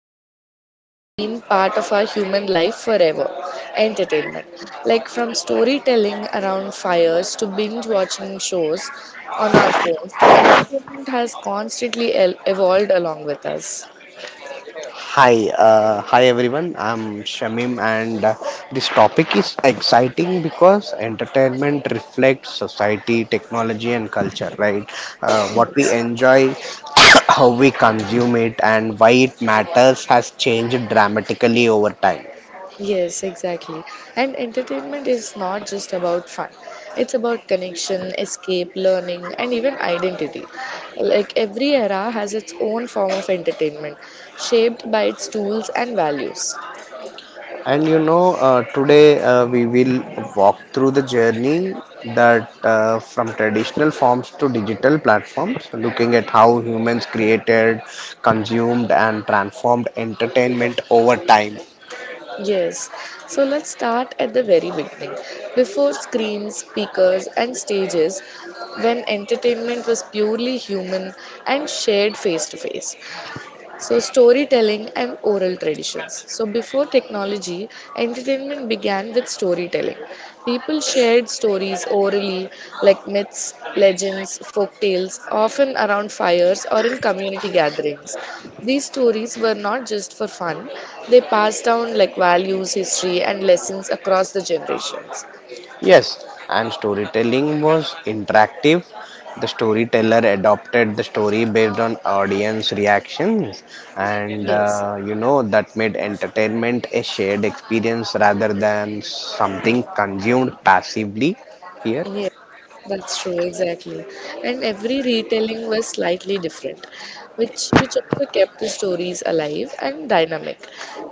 something that's been part of our human life forever, entertainment. Like from storytelling around fires to binge watching shows on our phones, entertainment has constantly evolved along with us. Hi everyone. I'm Shamim, and this topic is exciting because entertainment reflects society, technology, and culture. Right? What we Yes. enjoy, how we consume it, and why it matters has changed dramatically over time. Yes, exactly. And entertainment is not just about fun. It's about connection, escape, learning, and even identity. Like every era has its own form of entertainment, shaped by its tools and values. And today we will walk through the journey that from traditional forms to digital platforms, looking at how humans created, consumed, and transformed entertainment over time. Yes. So let's start at the very beginning. Before screens, speakers, and stages, when entertainment was purely human and shared face to face. So, storytelling and oral traditions. So, before technology, entertainment began with storytelling. People shared stories orally, like myths, legends, folk tales, often around fires or in community gatherings. These stories were not just for fun, they passed down like values, history, and lessons across the generations. Yes, and storytelling was interactive. The storyteller adopted the story based on audience reactions, and Yes. That made entertainment a shared experience rather than something consumed passively here. Yeah, that's true, exactly. And every retelling was slightly different, which also kept the stories alive and dynamic.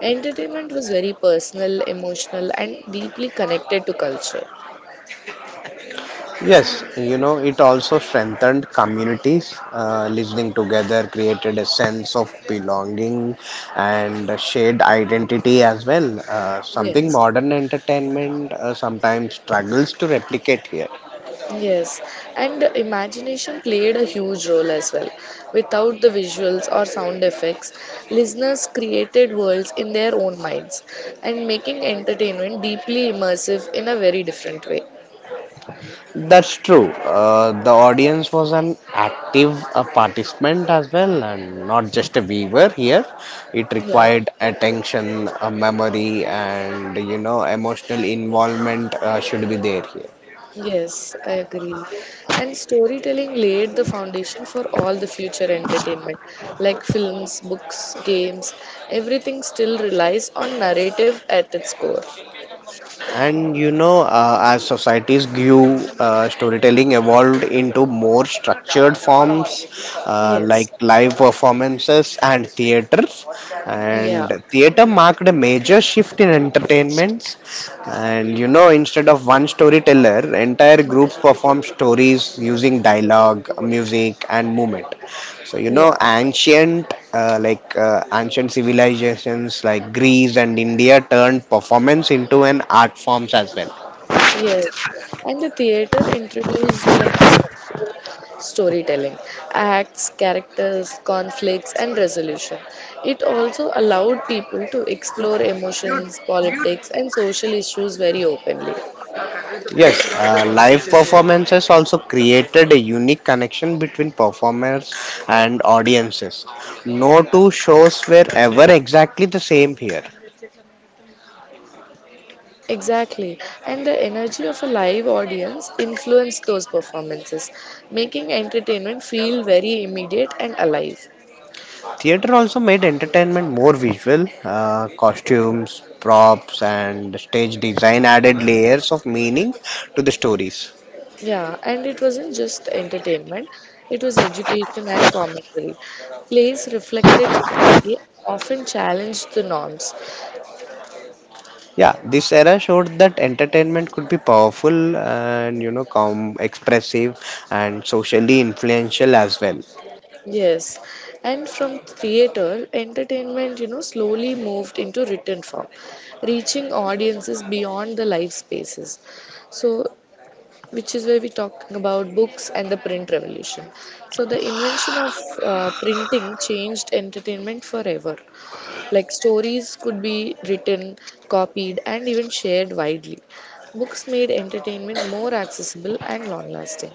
Entertainment was very personal, emotional, and deeply connected to culture. Yes, it also strengthened communities. Listening together created a sense of belonging and a shared identity as well. Something Yes, modern entertainment sometimes struggles to replicate here. yes, and imagination played a huge role as well. Without the visuals or sound effects, listeners created worlds in their own minds and making entertainment deeply immersive in a very different way. That's true. The audience was an active participant as well, and not just a viewer here. It Yeah. required attention, memory, and emotional involvement should be there here. Yes, I agree. And storytelling laid the foundation for all the future entertainment, like films, books, games, everything still relies on narrative at its core. And as societies grew, storytelling evolved into more structured forms like Yes. live performances and theaters. Yeah. And theater marked a major shift in entertainment. And instead of one storyteller, entire groups perform stories using dialogue, music, and movement. So Yeah. Ancient civilizations like Greece and India turned performance into an art forms as well. Yes. And the theater introduced like the structured storytelling, acts, characters, conflicts, and resolution. It also allowed people to explore emotions, politics, and social issues very openly. Yes, live performances also created a unique connection between performers and audiences. No two shows were ever exactly the same here. Exactly. And the energy of a live audience influenced those performances, making entertainment feel very immediate and alive. Theater also made entertainment more visual. Costumes, props, and stage design added layers of meaning to the stories. Yeah, and it wasn't just entertainment, it was education and commentary. Plays reflected society, often challenged the norms. Yeah, this era showed that entertainment could be powerful and calm, expressive, and socially influential as well. Yes, and from theater, entertainment, you know, slowly moved into written form, reaching audiences beyond the live spaces. So which is where we're talking about books and the print revolution. So, the invention of printing changed entertainment forever. Like, stories could be written, copied, and even shared widely. Books made entertainment more accessible and long lasting.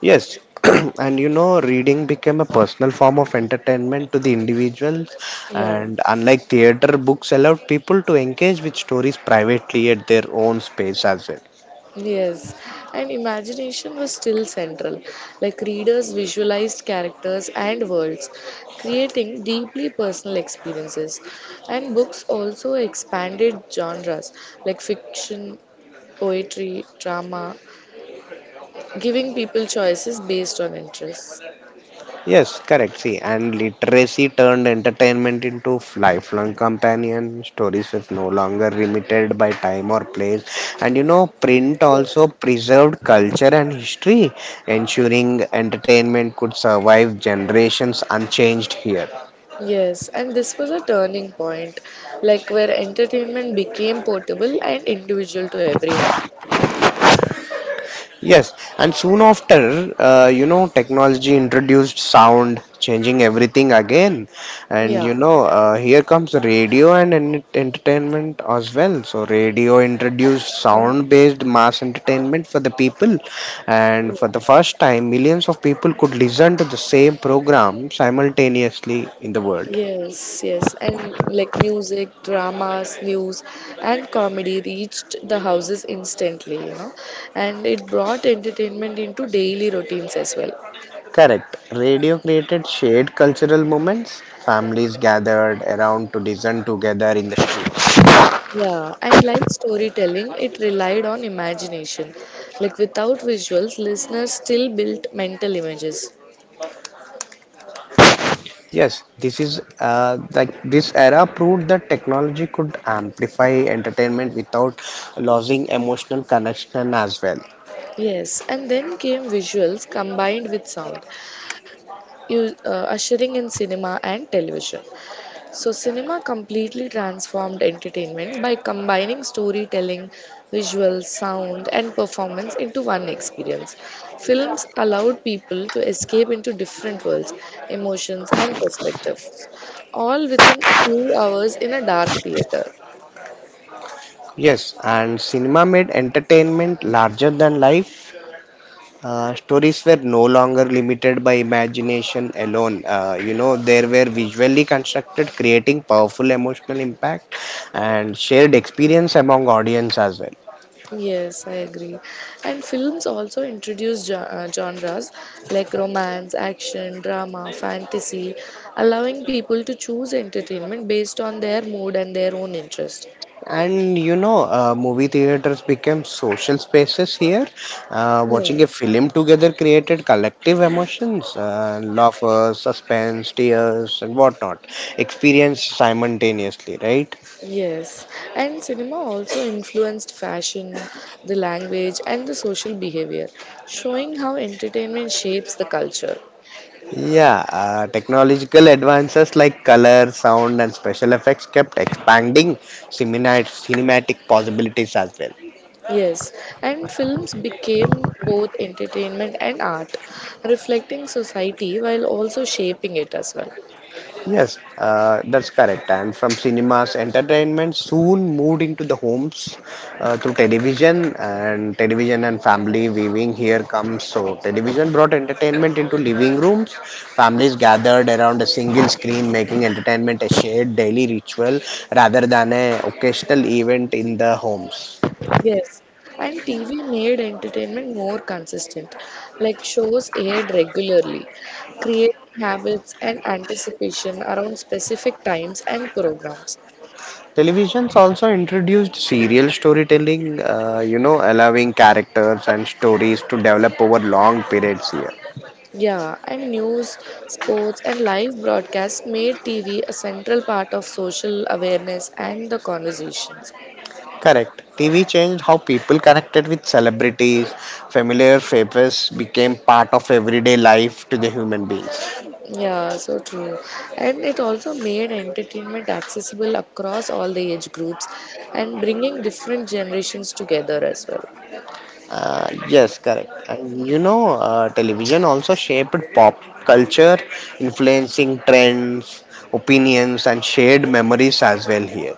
Yes, and reading became a personal form of entertainment to the individuals, Yeah. and unlike theater, books allowed people to engage with stories privately at their own space as well. Yes, and imagination was still central. Like readers visualized characters and worlds, creating deeply personal experiences. And books also expanded genres like fiction, poetry, drama, giving people choices based on interests. Yes, correct. See, and literacy turned entertainment into lifelong companion. Stories was no longer limited by time or place. And print also Yes. preserved culture and history, ensuring entertainment could survive generations unchanged here. Yes, and this was a turning point, like where entertainment became portable and individual to everyone. Yes, and soon after, technology introduced sound, changing everything again. And Yeah. Here comes radio and entertainment as well. So, radio introduced sound based mass entertainment for the people. And for the first time, millions of people could listen to the same program simultaneously in the world. Yes, yes, and like music, dramas, news, and comedy reached the houses instantly, you know, and it brought entertainment into daily routines as well. Correct. Radio created shared cultural moments. Families gathered around to listen together in the street. Yeah, and like storytelling, it relied on imagination. Like without visuals, listeners still built mental images. Yes, this is like this era proved that technology could amplify entertainment without losing emotional connection as well. Yes, and then came visuals combined with sound, ushering in cinema and television. So, cinema completely transformed entertainment by combining storytelling, visuals, sound, and performance into one experience. Films allowed people to escape into different worlds, emotions, and perspectives, all within a few hours in a dark theater. Yes, and cinema made entertainment larger than life. Stories were no longer limited by imagination alone. They were visually constructed, creating powerful emotional impact and shared experience among audience as well. Yes, I agree. And films also introduce genres like romance, action, drama, fantasy, allowing people to choose entertainment based on their mood and their own interest. And movie theaters became social spaces here. Uh, Yeah, watching a film together created collective emotions, laughter, suspense, tears, and whatnot, experienced simultaneously, right? yes. And cinema also influenced fashion, the language, and the social behavior, showing how entertainment shapes the culture. Yeah, technological advances like color, sound, and special effects kept expanding cinematic possibilities as well. Yes, and films became both entertainment and art, reflecting society while also shaping it as well. Yes, that's correct. And from cinemas, entertainment soon moved into the homes through television and television and family viewing. Here comes so television brought entertainment into living rooms. Families gathered around a single screen, making entertainment a shared daily ritual rather than a occasional event in the homes. Yes, and TV made entertainment more consistent, like shows aired regularly, creating habits and anticipation around specific times and programs. Televisions also introduced serial storytelling, allowing characters and stories to develop over long periods here. Yeah, and news, sports, and live broadcasts made TV a central part of social awareness and the conversations. Correct. TV changed how people connected with celebrities. Familiar faces became part of everyday life to the human beings. Yeah, so true. And it also made entertainment accessible across all the age groups and bringing different generations together as well. Yes, correct. And television also shaped pop culture, influencing trends, opinions, and shared memories as well here.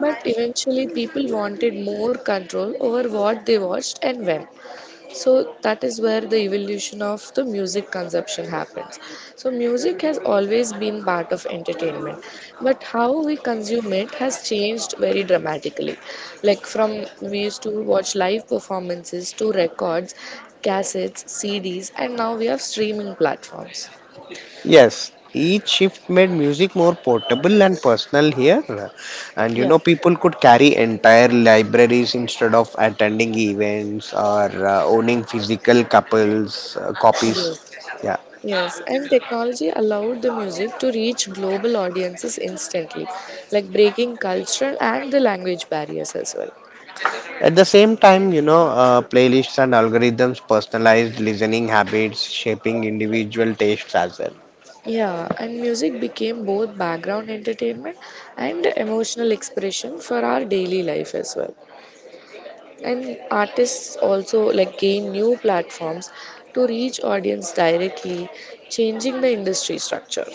But eventually, people wanted more control over what they watched and when. So that is where the evolution of the music consumption happens. So music has always been part of entertainment, but how we consume it has changed very dramatically. Like from we used to watch live performances to records, cassettes, CDs, and now we have streaming platforms. Yes, each shift made music more portable and personal here. And Yeah. People could carry entire libraries instead of attending events or owning physical couples copies. Yes. Yeah. Yes, and technology allowed the music to reach global audiences instantly, like breaking cultural and the language barriers as well. At the same time, playlists and algorithms personalized listening habits, shaping individual tastes as well. Yeah, and music became both background entertainment and emotional expression for our daily life as well. And artists also like gain new platforms to reach audience directly, changing the industry structure.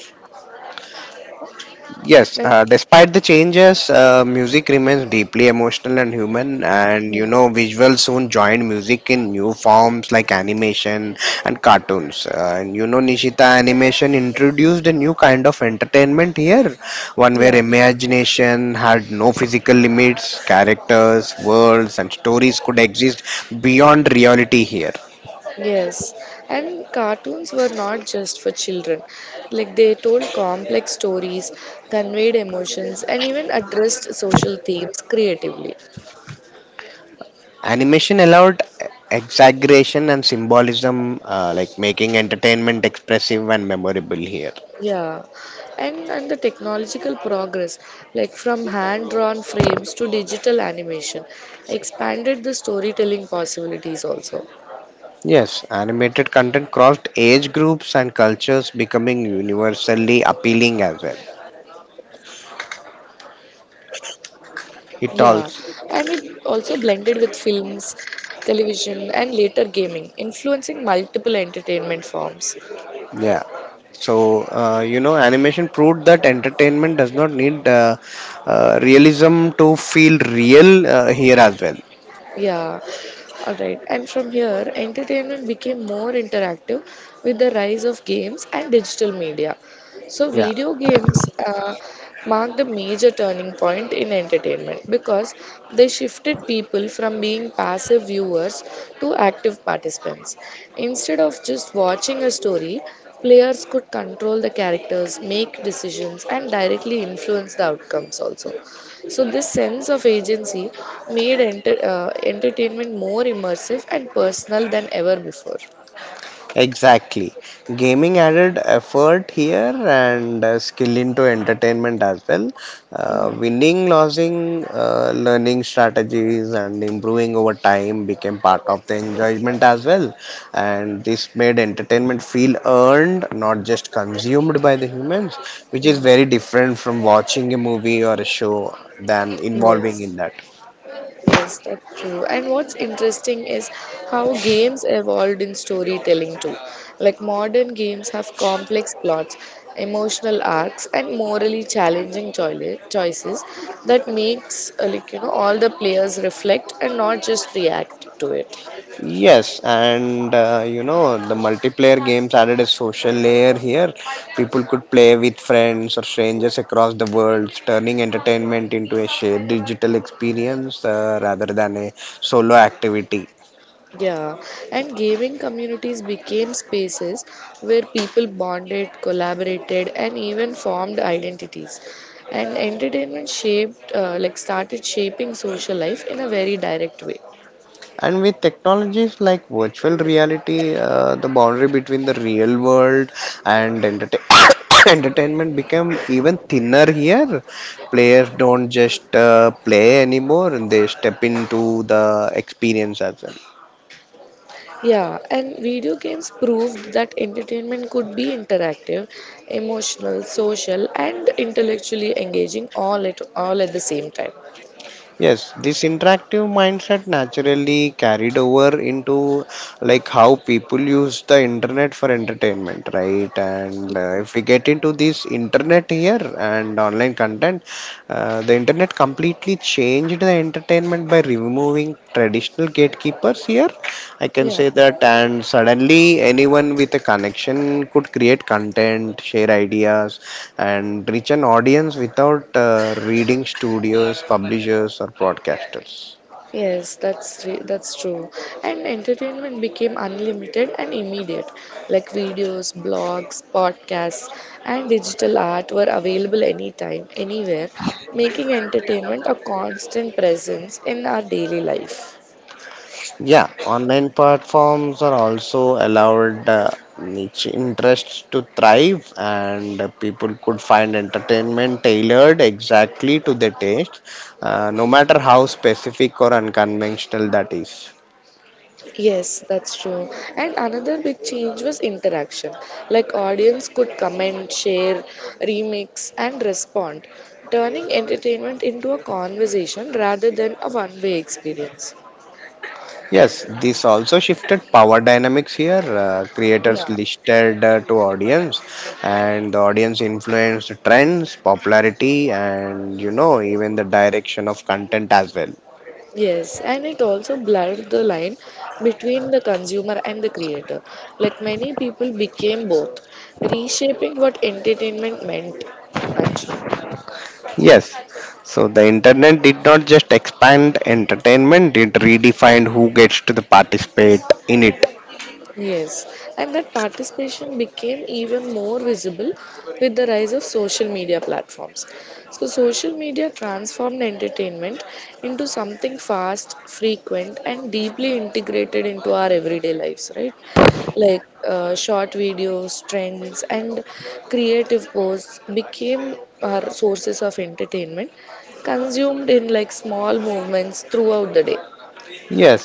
Yes, And despite the changes, music remains deeply emotional and human, and yeah. Visuals soon joined music in new forms like animation and cartoons. Nishita Animation introduced a new kind of entertainment here, one where Yeah. imagination had no physical limits, characters, worlds, and stories could exist beyond reality here. Yes, and cartoons were not just for children. Like they told complex stories, conveyed emotions, and even addressed social themes creatively. Animation allowed exaggeration and symbolism, making entertainment expressive and memorable here. Yeah, and the technological progress, like from hand-drawn frames to digital animation, expanded the storytelling possibilities also. Yes, animated content crossed age groups and cultures, becoming universally appealing as well. Yeah, and it It also also, blended with films, television, and later gaming, influencing multiple entertainment forms. yeah. So, animation proved that entertainment does not need realism to feel real here as well. Yeah, alright. And from here, entertainment became more interactive with the rise of games and digital media. So, Yeah. video games marked a major turning point in entertainment because they shifted people from being passive viewers to active participants. Instead of just watching a story, players could control the characters, make decisions, and directly influence the outcomes also. So this sense of agency made entertainment more immersive and personal than ever before. Exactly. Gaming added effort here and skill into entertainment as well. Uh, Mm. winning, losing, learning strategies, and improving over time became part of the enjoyment as well. And this made entertainment feel earned, not just consumed by the humans, which is very different from watching a movie or a show than involving in Yes, that. yes, that's true. And what's interesting is how games evolved in storytelling too. Like modern games have complex plots, emotional arcs, and morally challenging choices that makes like you know all the players reflect and not just react to it. Yes, and the multiplayer games added a social layer here. People could play with friends or strangers across the world, turning entertainment into a shared digital experience rather than a solo activity. Yeah, and gaming communities became spaces where people bonded, collaborated, and even formed identities. And entertainment shaped, started shaping social life in a very direct way. And with technologies like virtual reality, the boundary between the real world and entertainment. Entertainment became even thinner here. Players don't just play anymore. They step into the experience as well. Yeah, and video games proved that entertainment could be interactive, emotional, social, and intellectually engaging all at the same time. Yes, this interactive mindset naturally carried over into like how people use the internet for entertainment, right? And if we get into this internet here and online content, the internet completely changed the entertainment by removing traditional gatekeepers here, I can Yeah. say that, and suddenly anyone with a connection could create content, share ideas, and reach an audience without reading studios, publishers, or broadcasters. Yes, that's true. And entertainment became unlimited and immediate. Like videos, blogs, podcasts, and digital art were available anytime, anywhere, making entertainment a constant presence in our daily life. Yeah, online platforms are also allowed niche interests to thrive, and people could find entertainment tailored exactly to their taste, no matter how specific or unconventional that is. Yes, that's true. And another big change was interaction. Like audience could comment, share, remix and respond, turning entertainment into a conversation rather than a one-way experience. Yes, this also shifted power dynamics here. Creators Yeah. listed to audience, and the audience influenced trends, popularity, and even the direction of content as well. Yes, and it also blurred the line between the consumer and the creator. Like many people became both, reshaping what entertainment meant, actually. Yes, so the internet did not just expand entertainment; it redefined who gets to the participate in it. Yes, and that participation became even more visible with the rise of social media platforms. So, social media transformed entertainment into something fast, frequent, and deeply integrated into our everyday lives, right? Like short videos, trends, and creative posts became our sources of entertainment, consumed in like small movements throughout the day. Yes,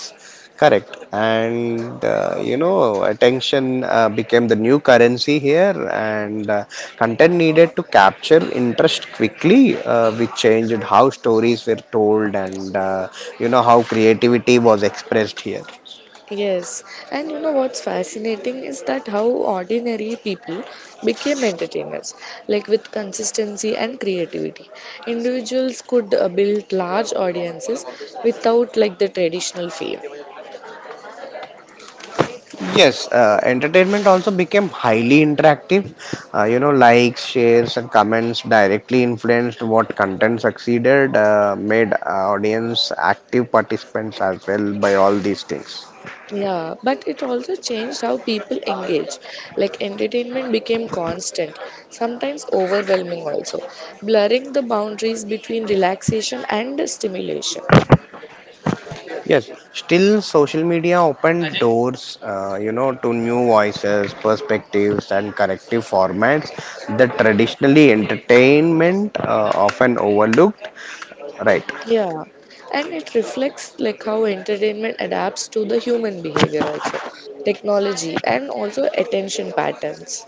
correct. And attention became the new currency here, and content needed to capture interest quickly, which changed how stories were told and how creativity was expressed here. Yes, and you know what's fascinating is that how ordinary people became entertainers, like with consistency and creativity. Individuals could build large audiences without like the traditional fame. Yes, entertainment also became highly interactive. Likes, shares, and comments directly influenced what content succeeded, made audience active participants as well by all these things. Yeah, but it also changed how people engage. Like entertainment became constant, sometimes overwhelming also, blurring the boundaries between relaxation and stimulation. Yes, still social media opened doors, to new voices, perspectives, and corrective formats that traditionally entertainment often overlooked. Right. Yeah, and it reflects like how entertainment adapts to the human behavior also, technology and also attention patterns.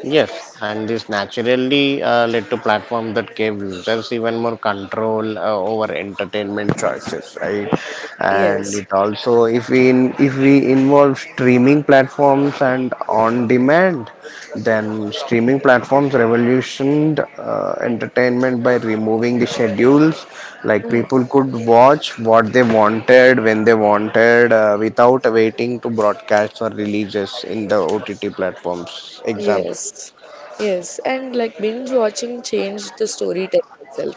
Yes, and this naturally led to platforms that gave users even more control over entertainment choices, right? And Yes. it also, if we involve streaming platforms and on demand, then streaming platforms revolutioned entertainment by removing the schedules. Like people Mm. could watch what they wanted when they wanted without waiting to broadcast or releases in the OTT platforms. Example. Yes. Yes. And like binge watching changed the storytelling itself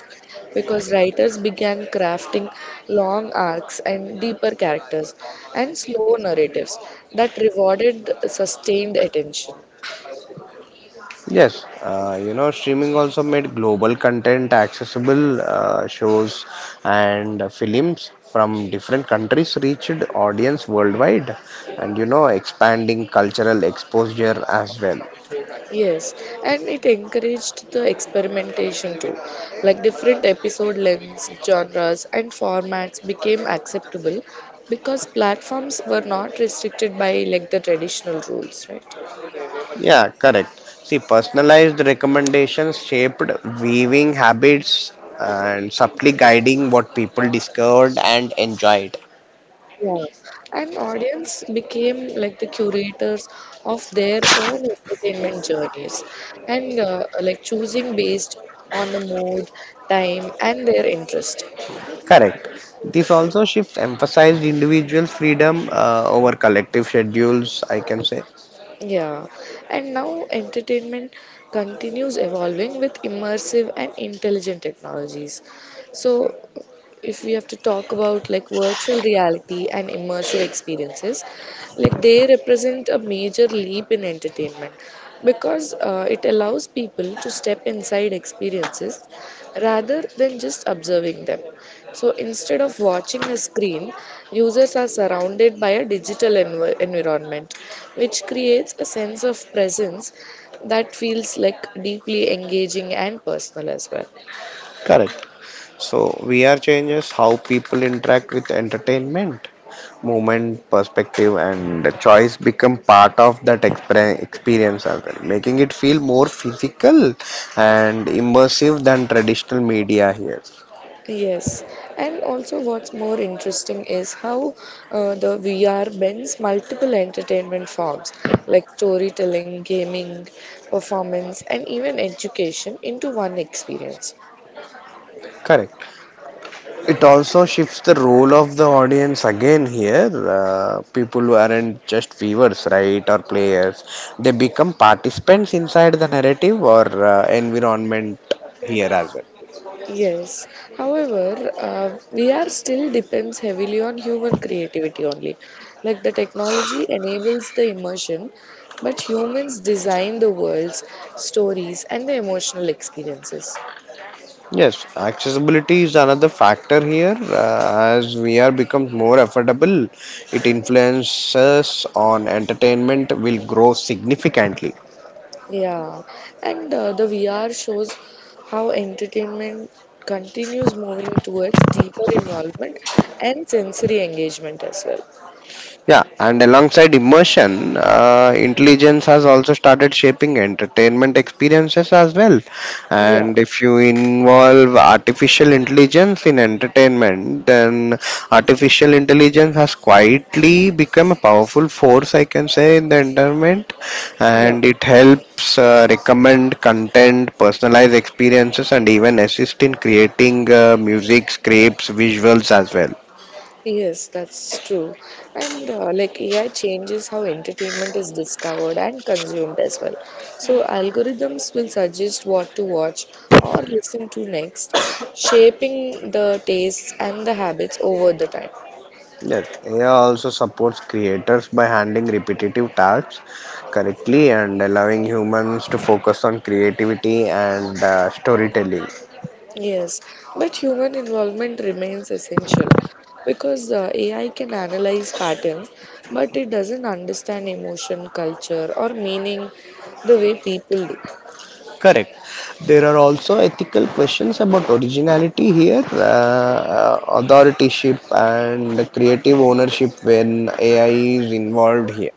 because writers began crafting long arcs and deeper characters and slow narratives that rewarded sustained attention. Yes, streaming also made global content accessible. Shows and films from different countries reached audience worldwide, and expanding cultural exposure as well. Yes, and it encouraged the experimentation too. Like different episode lengths, genres, and formats became acceptable because platforms were not restricted by like the traditional rules, right? Yeah, correct. See, personalized recommendations shaped viewing habits and subtly guiding what people discovered and enjoyed. Yeah, and audience became like the curators of their own entertainment journeys and like choosing based on the mood, time, and their interest. Correct. This also shifts emphasized individual freedom over collective schedules, I can say. Yeah, and now entertainment continues evolving with immersive and intelligent technologies. So, if we have to talk about like virtual reality and immersive experiences, like they represent a major leap in entertainment because it allows people to step inside experiences rather than just observing them. So instead of watching a screen, users are surrounded by a digital environment which creates a sense of presence that feels like deeply engaging and personal as well. Correct. So, VR changes how people interact with entertainment. Movement, perspective, and the choice become part of that experience as well, making it feel more physical and immersive than traditional media here. Yes, and also what's more interesting is how the VR blends multiple entertainment forms like storytelling, gaming, performance, and even education into one experience. Correct. It also shifts the role of the audience again here. People who aren't just viewers, right, or players, they become participants inside the narrative or environment here as well. Yes, however, VR still depends heavily on human creativity only. Like the technology enables the immersion, but humans design the worlds, stories, and the emotional experiences. Yes, accessibility is another factor here. As VR becomes more affordable, it influences on entertainment will grow significantly. Yeah, and the VR shows how entertainment continues moving towards deeper involvement and sensory engagement as well. Yeah, and alongside immersion, intelligence has also started shaping entertainment experiences as well. Yeah, And if you involve artificial intelligence in entertainment, then artificial intelligence has quietly become a powerful force, I can say, in the entertainment. yeah, And it helps recommend content, personalize experiences, and even assist in creating music, scripts, visuals as well. yes, that's true. And like AI changes how entertainment is discovered and consumed as well. So, algorithms will suggest what to watch or listen to next, shaping the tastes and the habits over the time. Yes, AI also supports creators by handling repetitive tasks correctly and allowing humans to focus on creativity and storytelling. Yes, but human involvement remains essential because AI can analyze patterns, but it doesn't understand emotion, culture, or meaning the way people do. Correct. There are also ethical questions about originality here, authorship, and creative ownership when AI is involved here.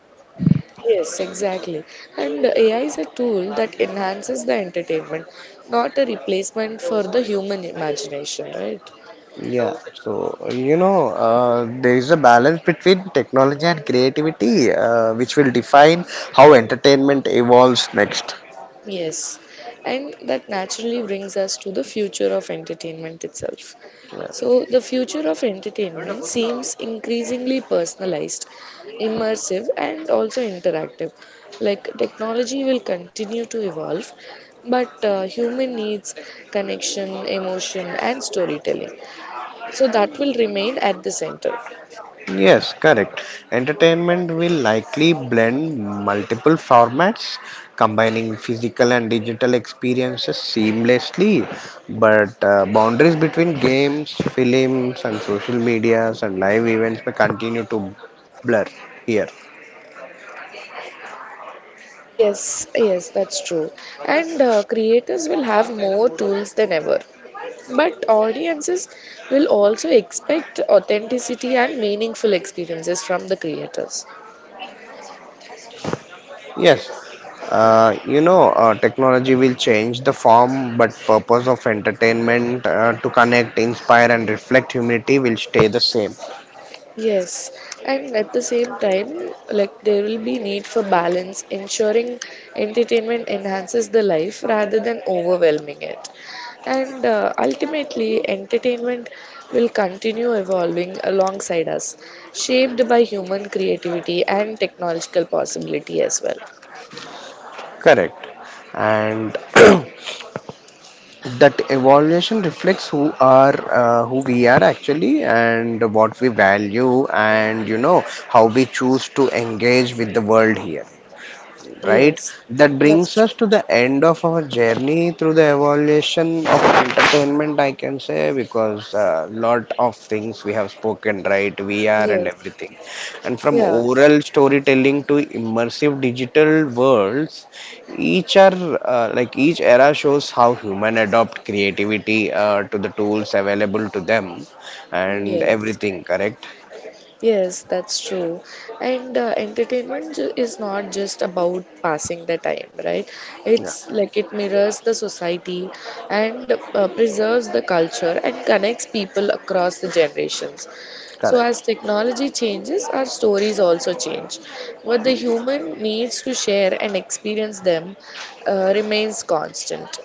Yes, exactly. And AI is a tool that enhances the entertainment, not a replacement for the human imagination, right? Yeah, so there is a balance between technology and creativity, which will define how entertainment evolves next. Yes, and that naturally brings us to the future of entertainment itself. So, the future of entertainment seems increasingly personalized, immersive, and also interactive. Like technology will continue to evolve, but human needs, connection, emotion, and storytelling. So, that will remain at the center. Yes, correct. Entertainment will likely blend multiple formats, combining physical and digital experiences seamlessly. But boundaries between games, films, and social medias and live events may continue to blur here. Yes, yes, that's true. And creators will have more tools than ever. But audiences will also expect authenticity and meaningful experiences from the creators. Yes, technology will change the form, but purpose of entertainment to connect, inspire, and reflect humanity will stay the same. Yes, and at the same time, like there will be need for balance, ensuring entertainment enhances the life rather than overwhelming it. And ultimately, entertainment will continue evolving alongside us, shaped by human creativity and technological possibility as well. Correct. And that evaluation reflects who we are actually and what we value and how we choose to engage with the world here, right? Yes, That that's brings true. us to the end of our journey through the evolution of entertainment, I can say, because a lot of things we have spoken, right? VR and Yes, everything. And from yeah, oral storytelling to immersive digital worlds, each are like each era shows how human adopt creativity to the tools available to them and yes. everything, correct? Yes, that's true. And entertainment is not just about passing the time, right? Yeah, It's like it mirrors the society and preserves the culture and connects people across the generations. So, as correct. technology changes, our stories also change. What the human needs to share and experience them remains constant,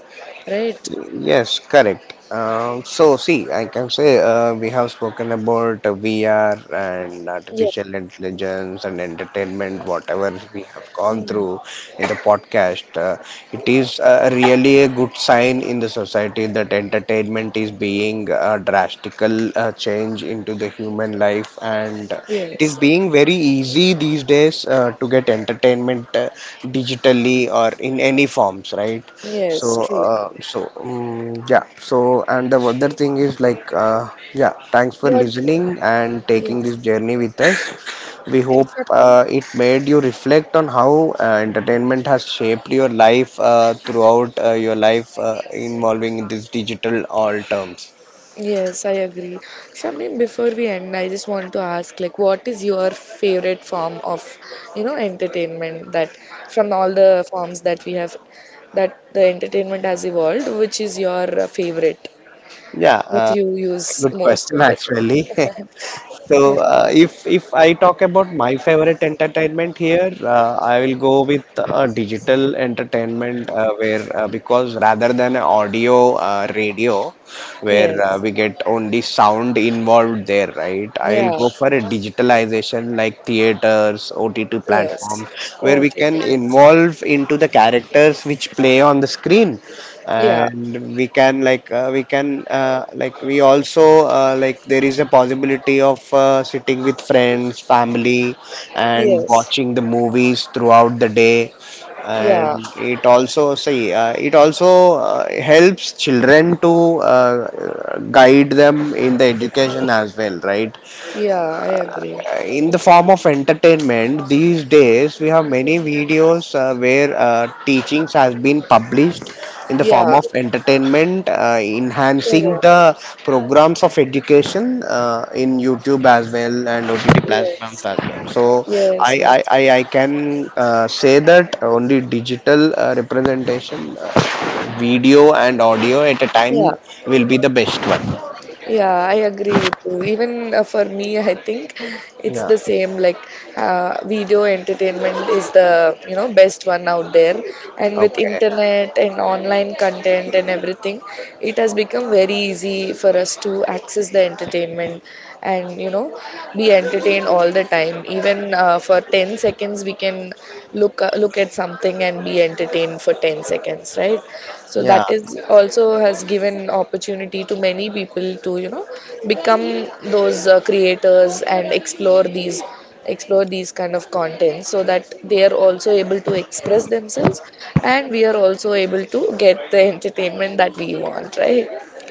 right? Yes, correct. See, I can say we have spoken about VR and Yeah. artificial intelligence and entertainment, whatever we have gone Mm. through in the podcast. It is really a good sign in the society that entertainment is being a drastical change into the human life, and it is Yes. being very easy these days to get entertainment digitally or in any forms, right? so Yes, true. uh, so um, yeah so and the other thing is thanks for But listening and taking this yes. journey with us. We Okay, hope so— it made you reflect on how entertainment has shaped your life throughout your life involving in this digital all terms. Yes, I agree. Shamim, before we end, I just want to ask, like, what is your favorite form of, you know, entertainment that, from all the forms that we have, that the entertainment has evolved, which is your favorite yeah that uh, you use Good most question of the time? actually. Yeah. So, if I talk about my favorite entertainment here, I will go with digital entertainment, where because rather than audio radio, where Yes. we get only sound involved there, right? I'll Yeah. go for a digitalization like theaters, OTT Yes. platform where Oh, we can yes. involve into the characters which play on the screen, Yeah. and we can like we can like we also like there is a possibility of sitting with friends family and Yes. watching the movies throughout the day. Yeah. And it also helps children to guide them in the education as well, right? Yeah, I agree. In the form of entertainment, these days we have many videos where teachings has been published in the form Yeah. of entertainment, enhancing Correct. the programs of education in youtube as well and ott platforms Yes. as well. So i Yes. Yes. i i, I can say that only digital representation, video and audio at a Yeah. time will be the best one. Yeah, I agree with you. Even for me, I think it's Yeah, the same. Like, video entertainment is the you know best one out there, and with okay, internet and online content and everything, it has become very easy for us to access the entertainment and you know be entertained all the time. Even for 10 seconds, we can look at something and be entertained for 10 seconds, right? So yeah. that is also has given opportunity to many people to you know become those creators and explore these kind of content so that they are also able to express themselves and we are also able to get the entertainment that we want, right?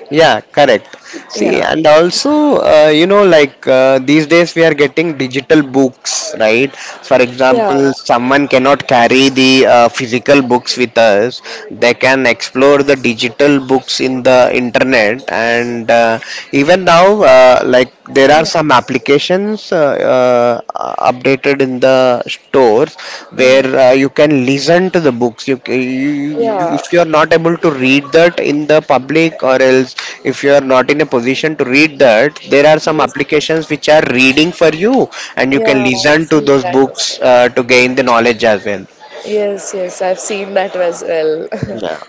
Yeah, correct. See, Yeah. and also, these days we are getting digital books, right? For Yeah. example, someone cannot carry the physical books with us. They can explore the digital books in the internet, and even now, there are Yeah. some applications uh, updated in the stores Mhm. where you can listen to the books you, Yeah. if you are not able to read that in the public, or else if you are not in a position to read that, there are some Yes, yes. applications which are reading for you, and you Yeah, can I've listen to seen those that as books well. To gain the knowledge as well. Yes, yes, I've seen that as well. Yeah,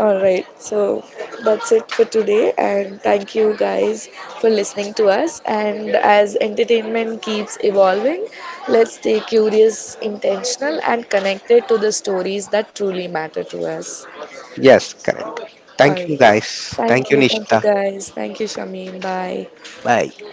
All right, so that's it for today, and thank you guys for listening to us. And as entertainment keeps evolving, let's stay curious, intentional, and connected to the stories that truly matter to us. yes, correct. All Thank right, you guys. Thank you thank you Nishita. guys, thank you, Shamin. Bye. Bye.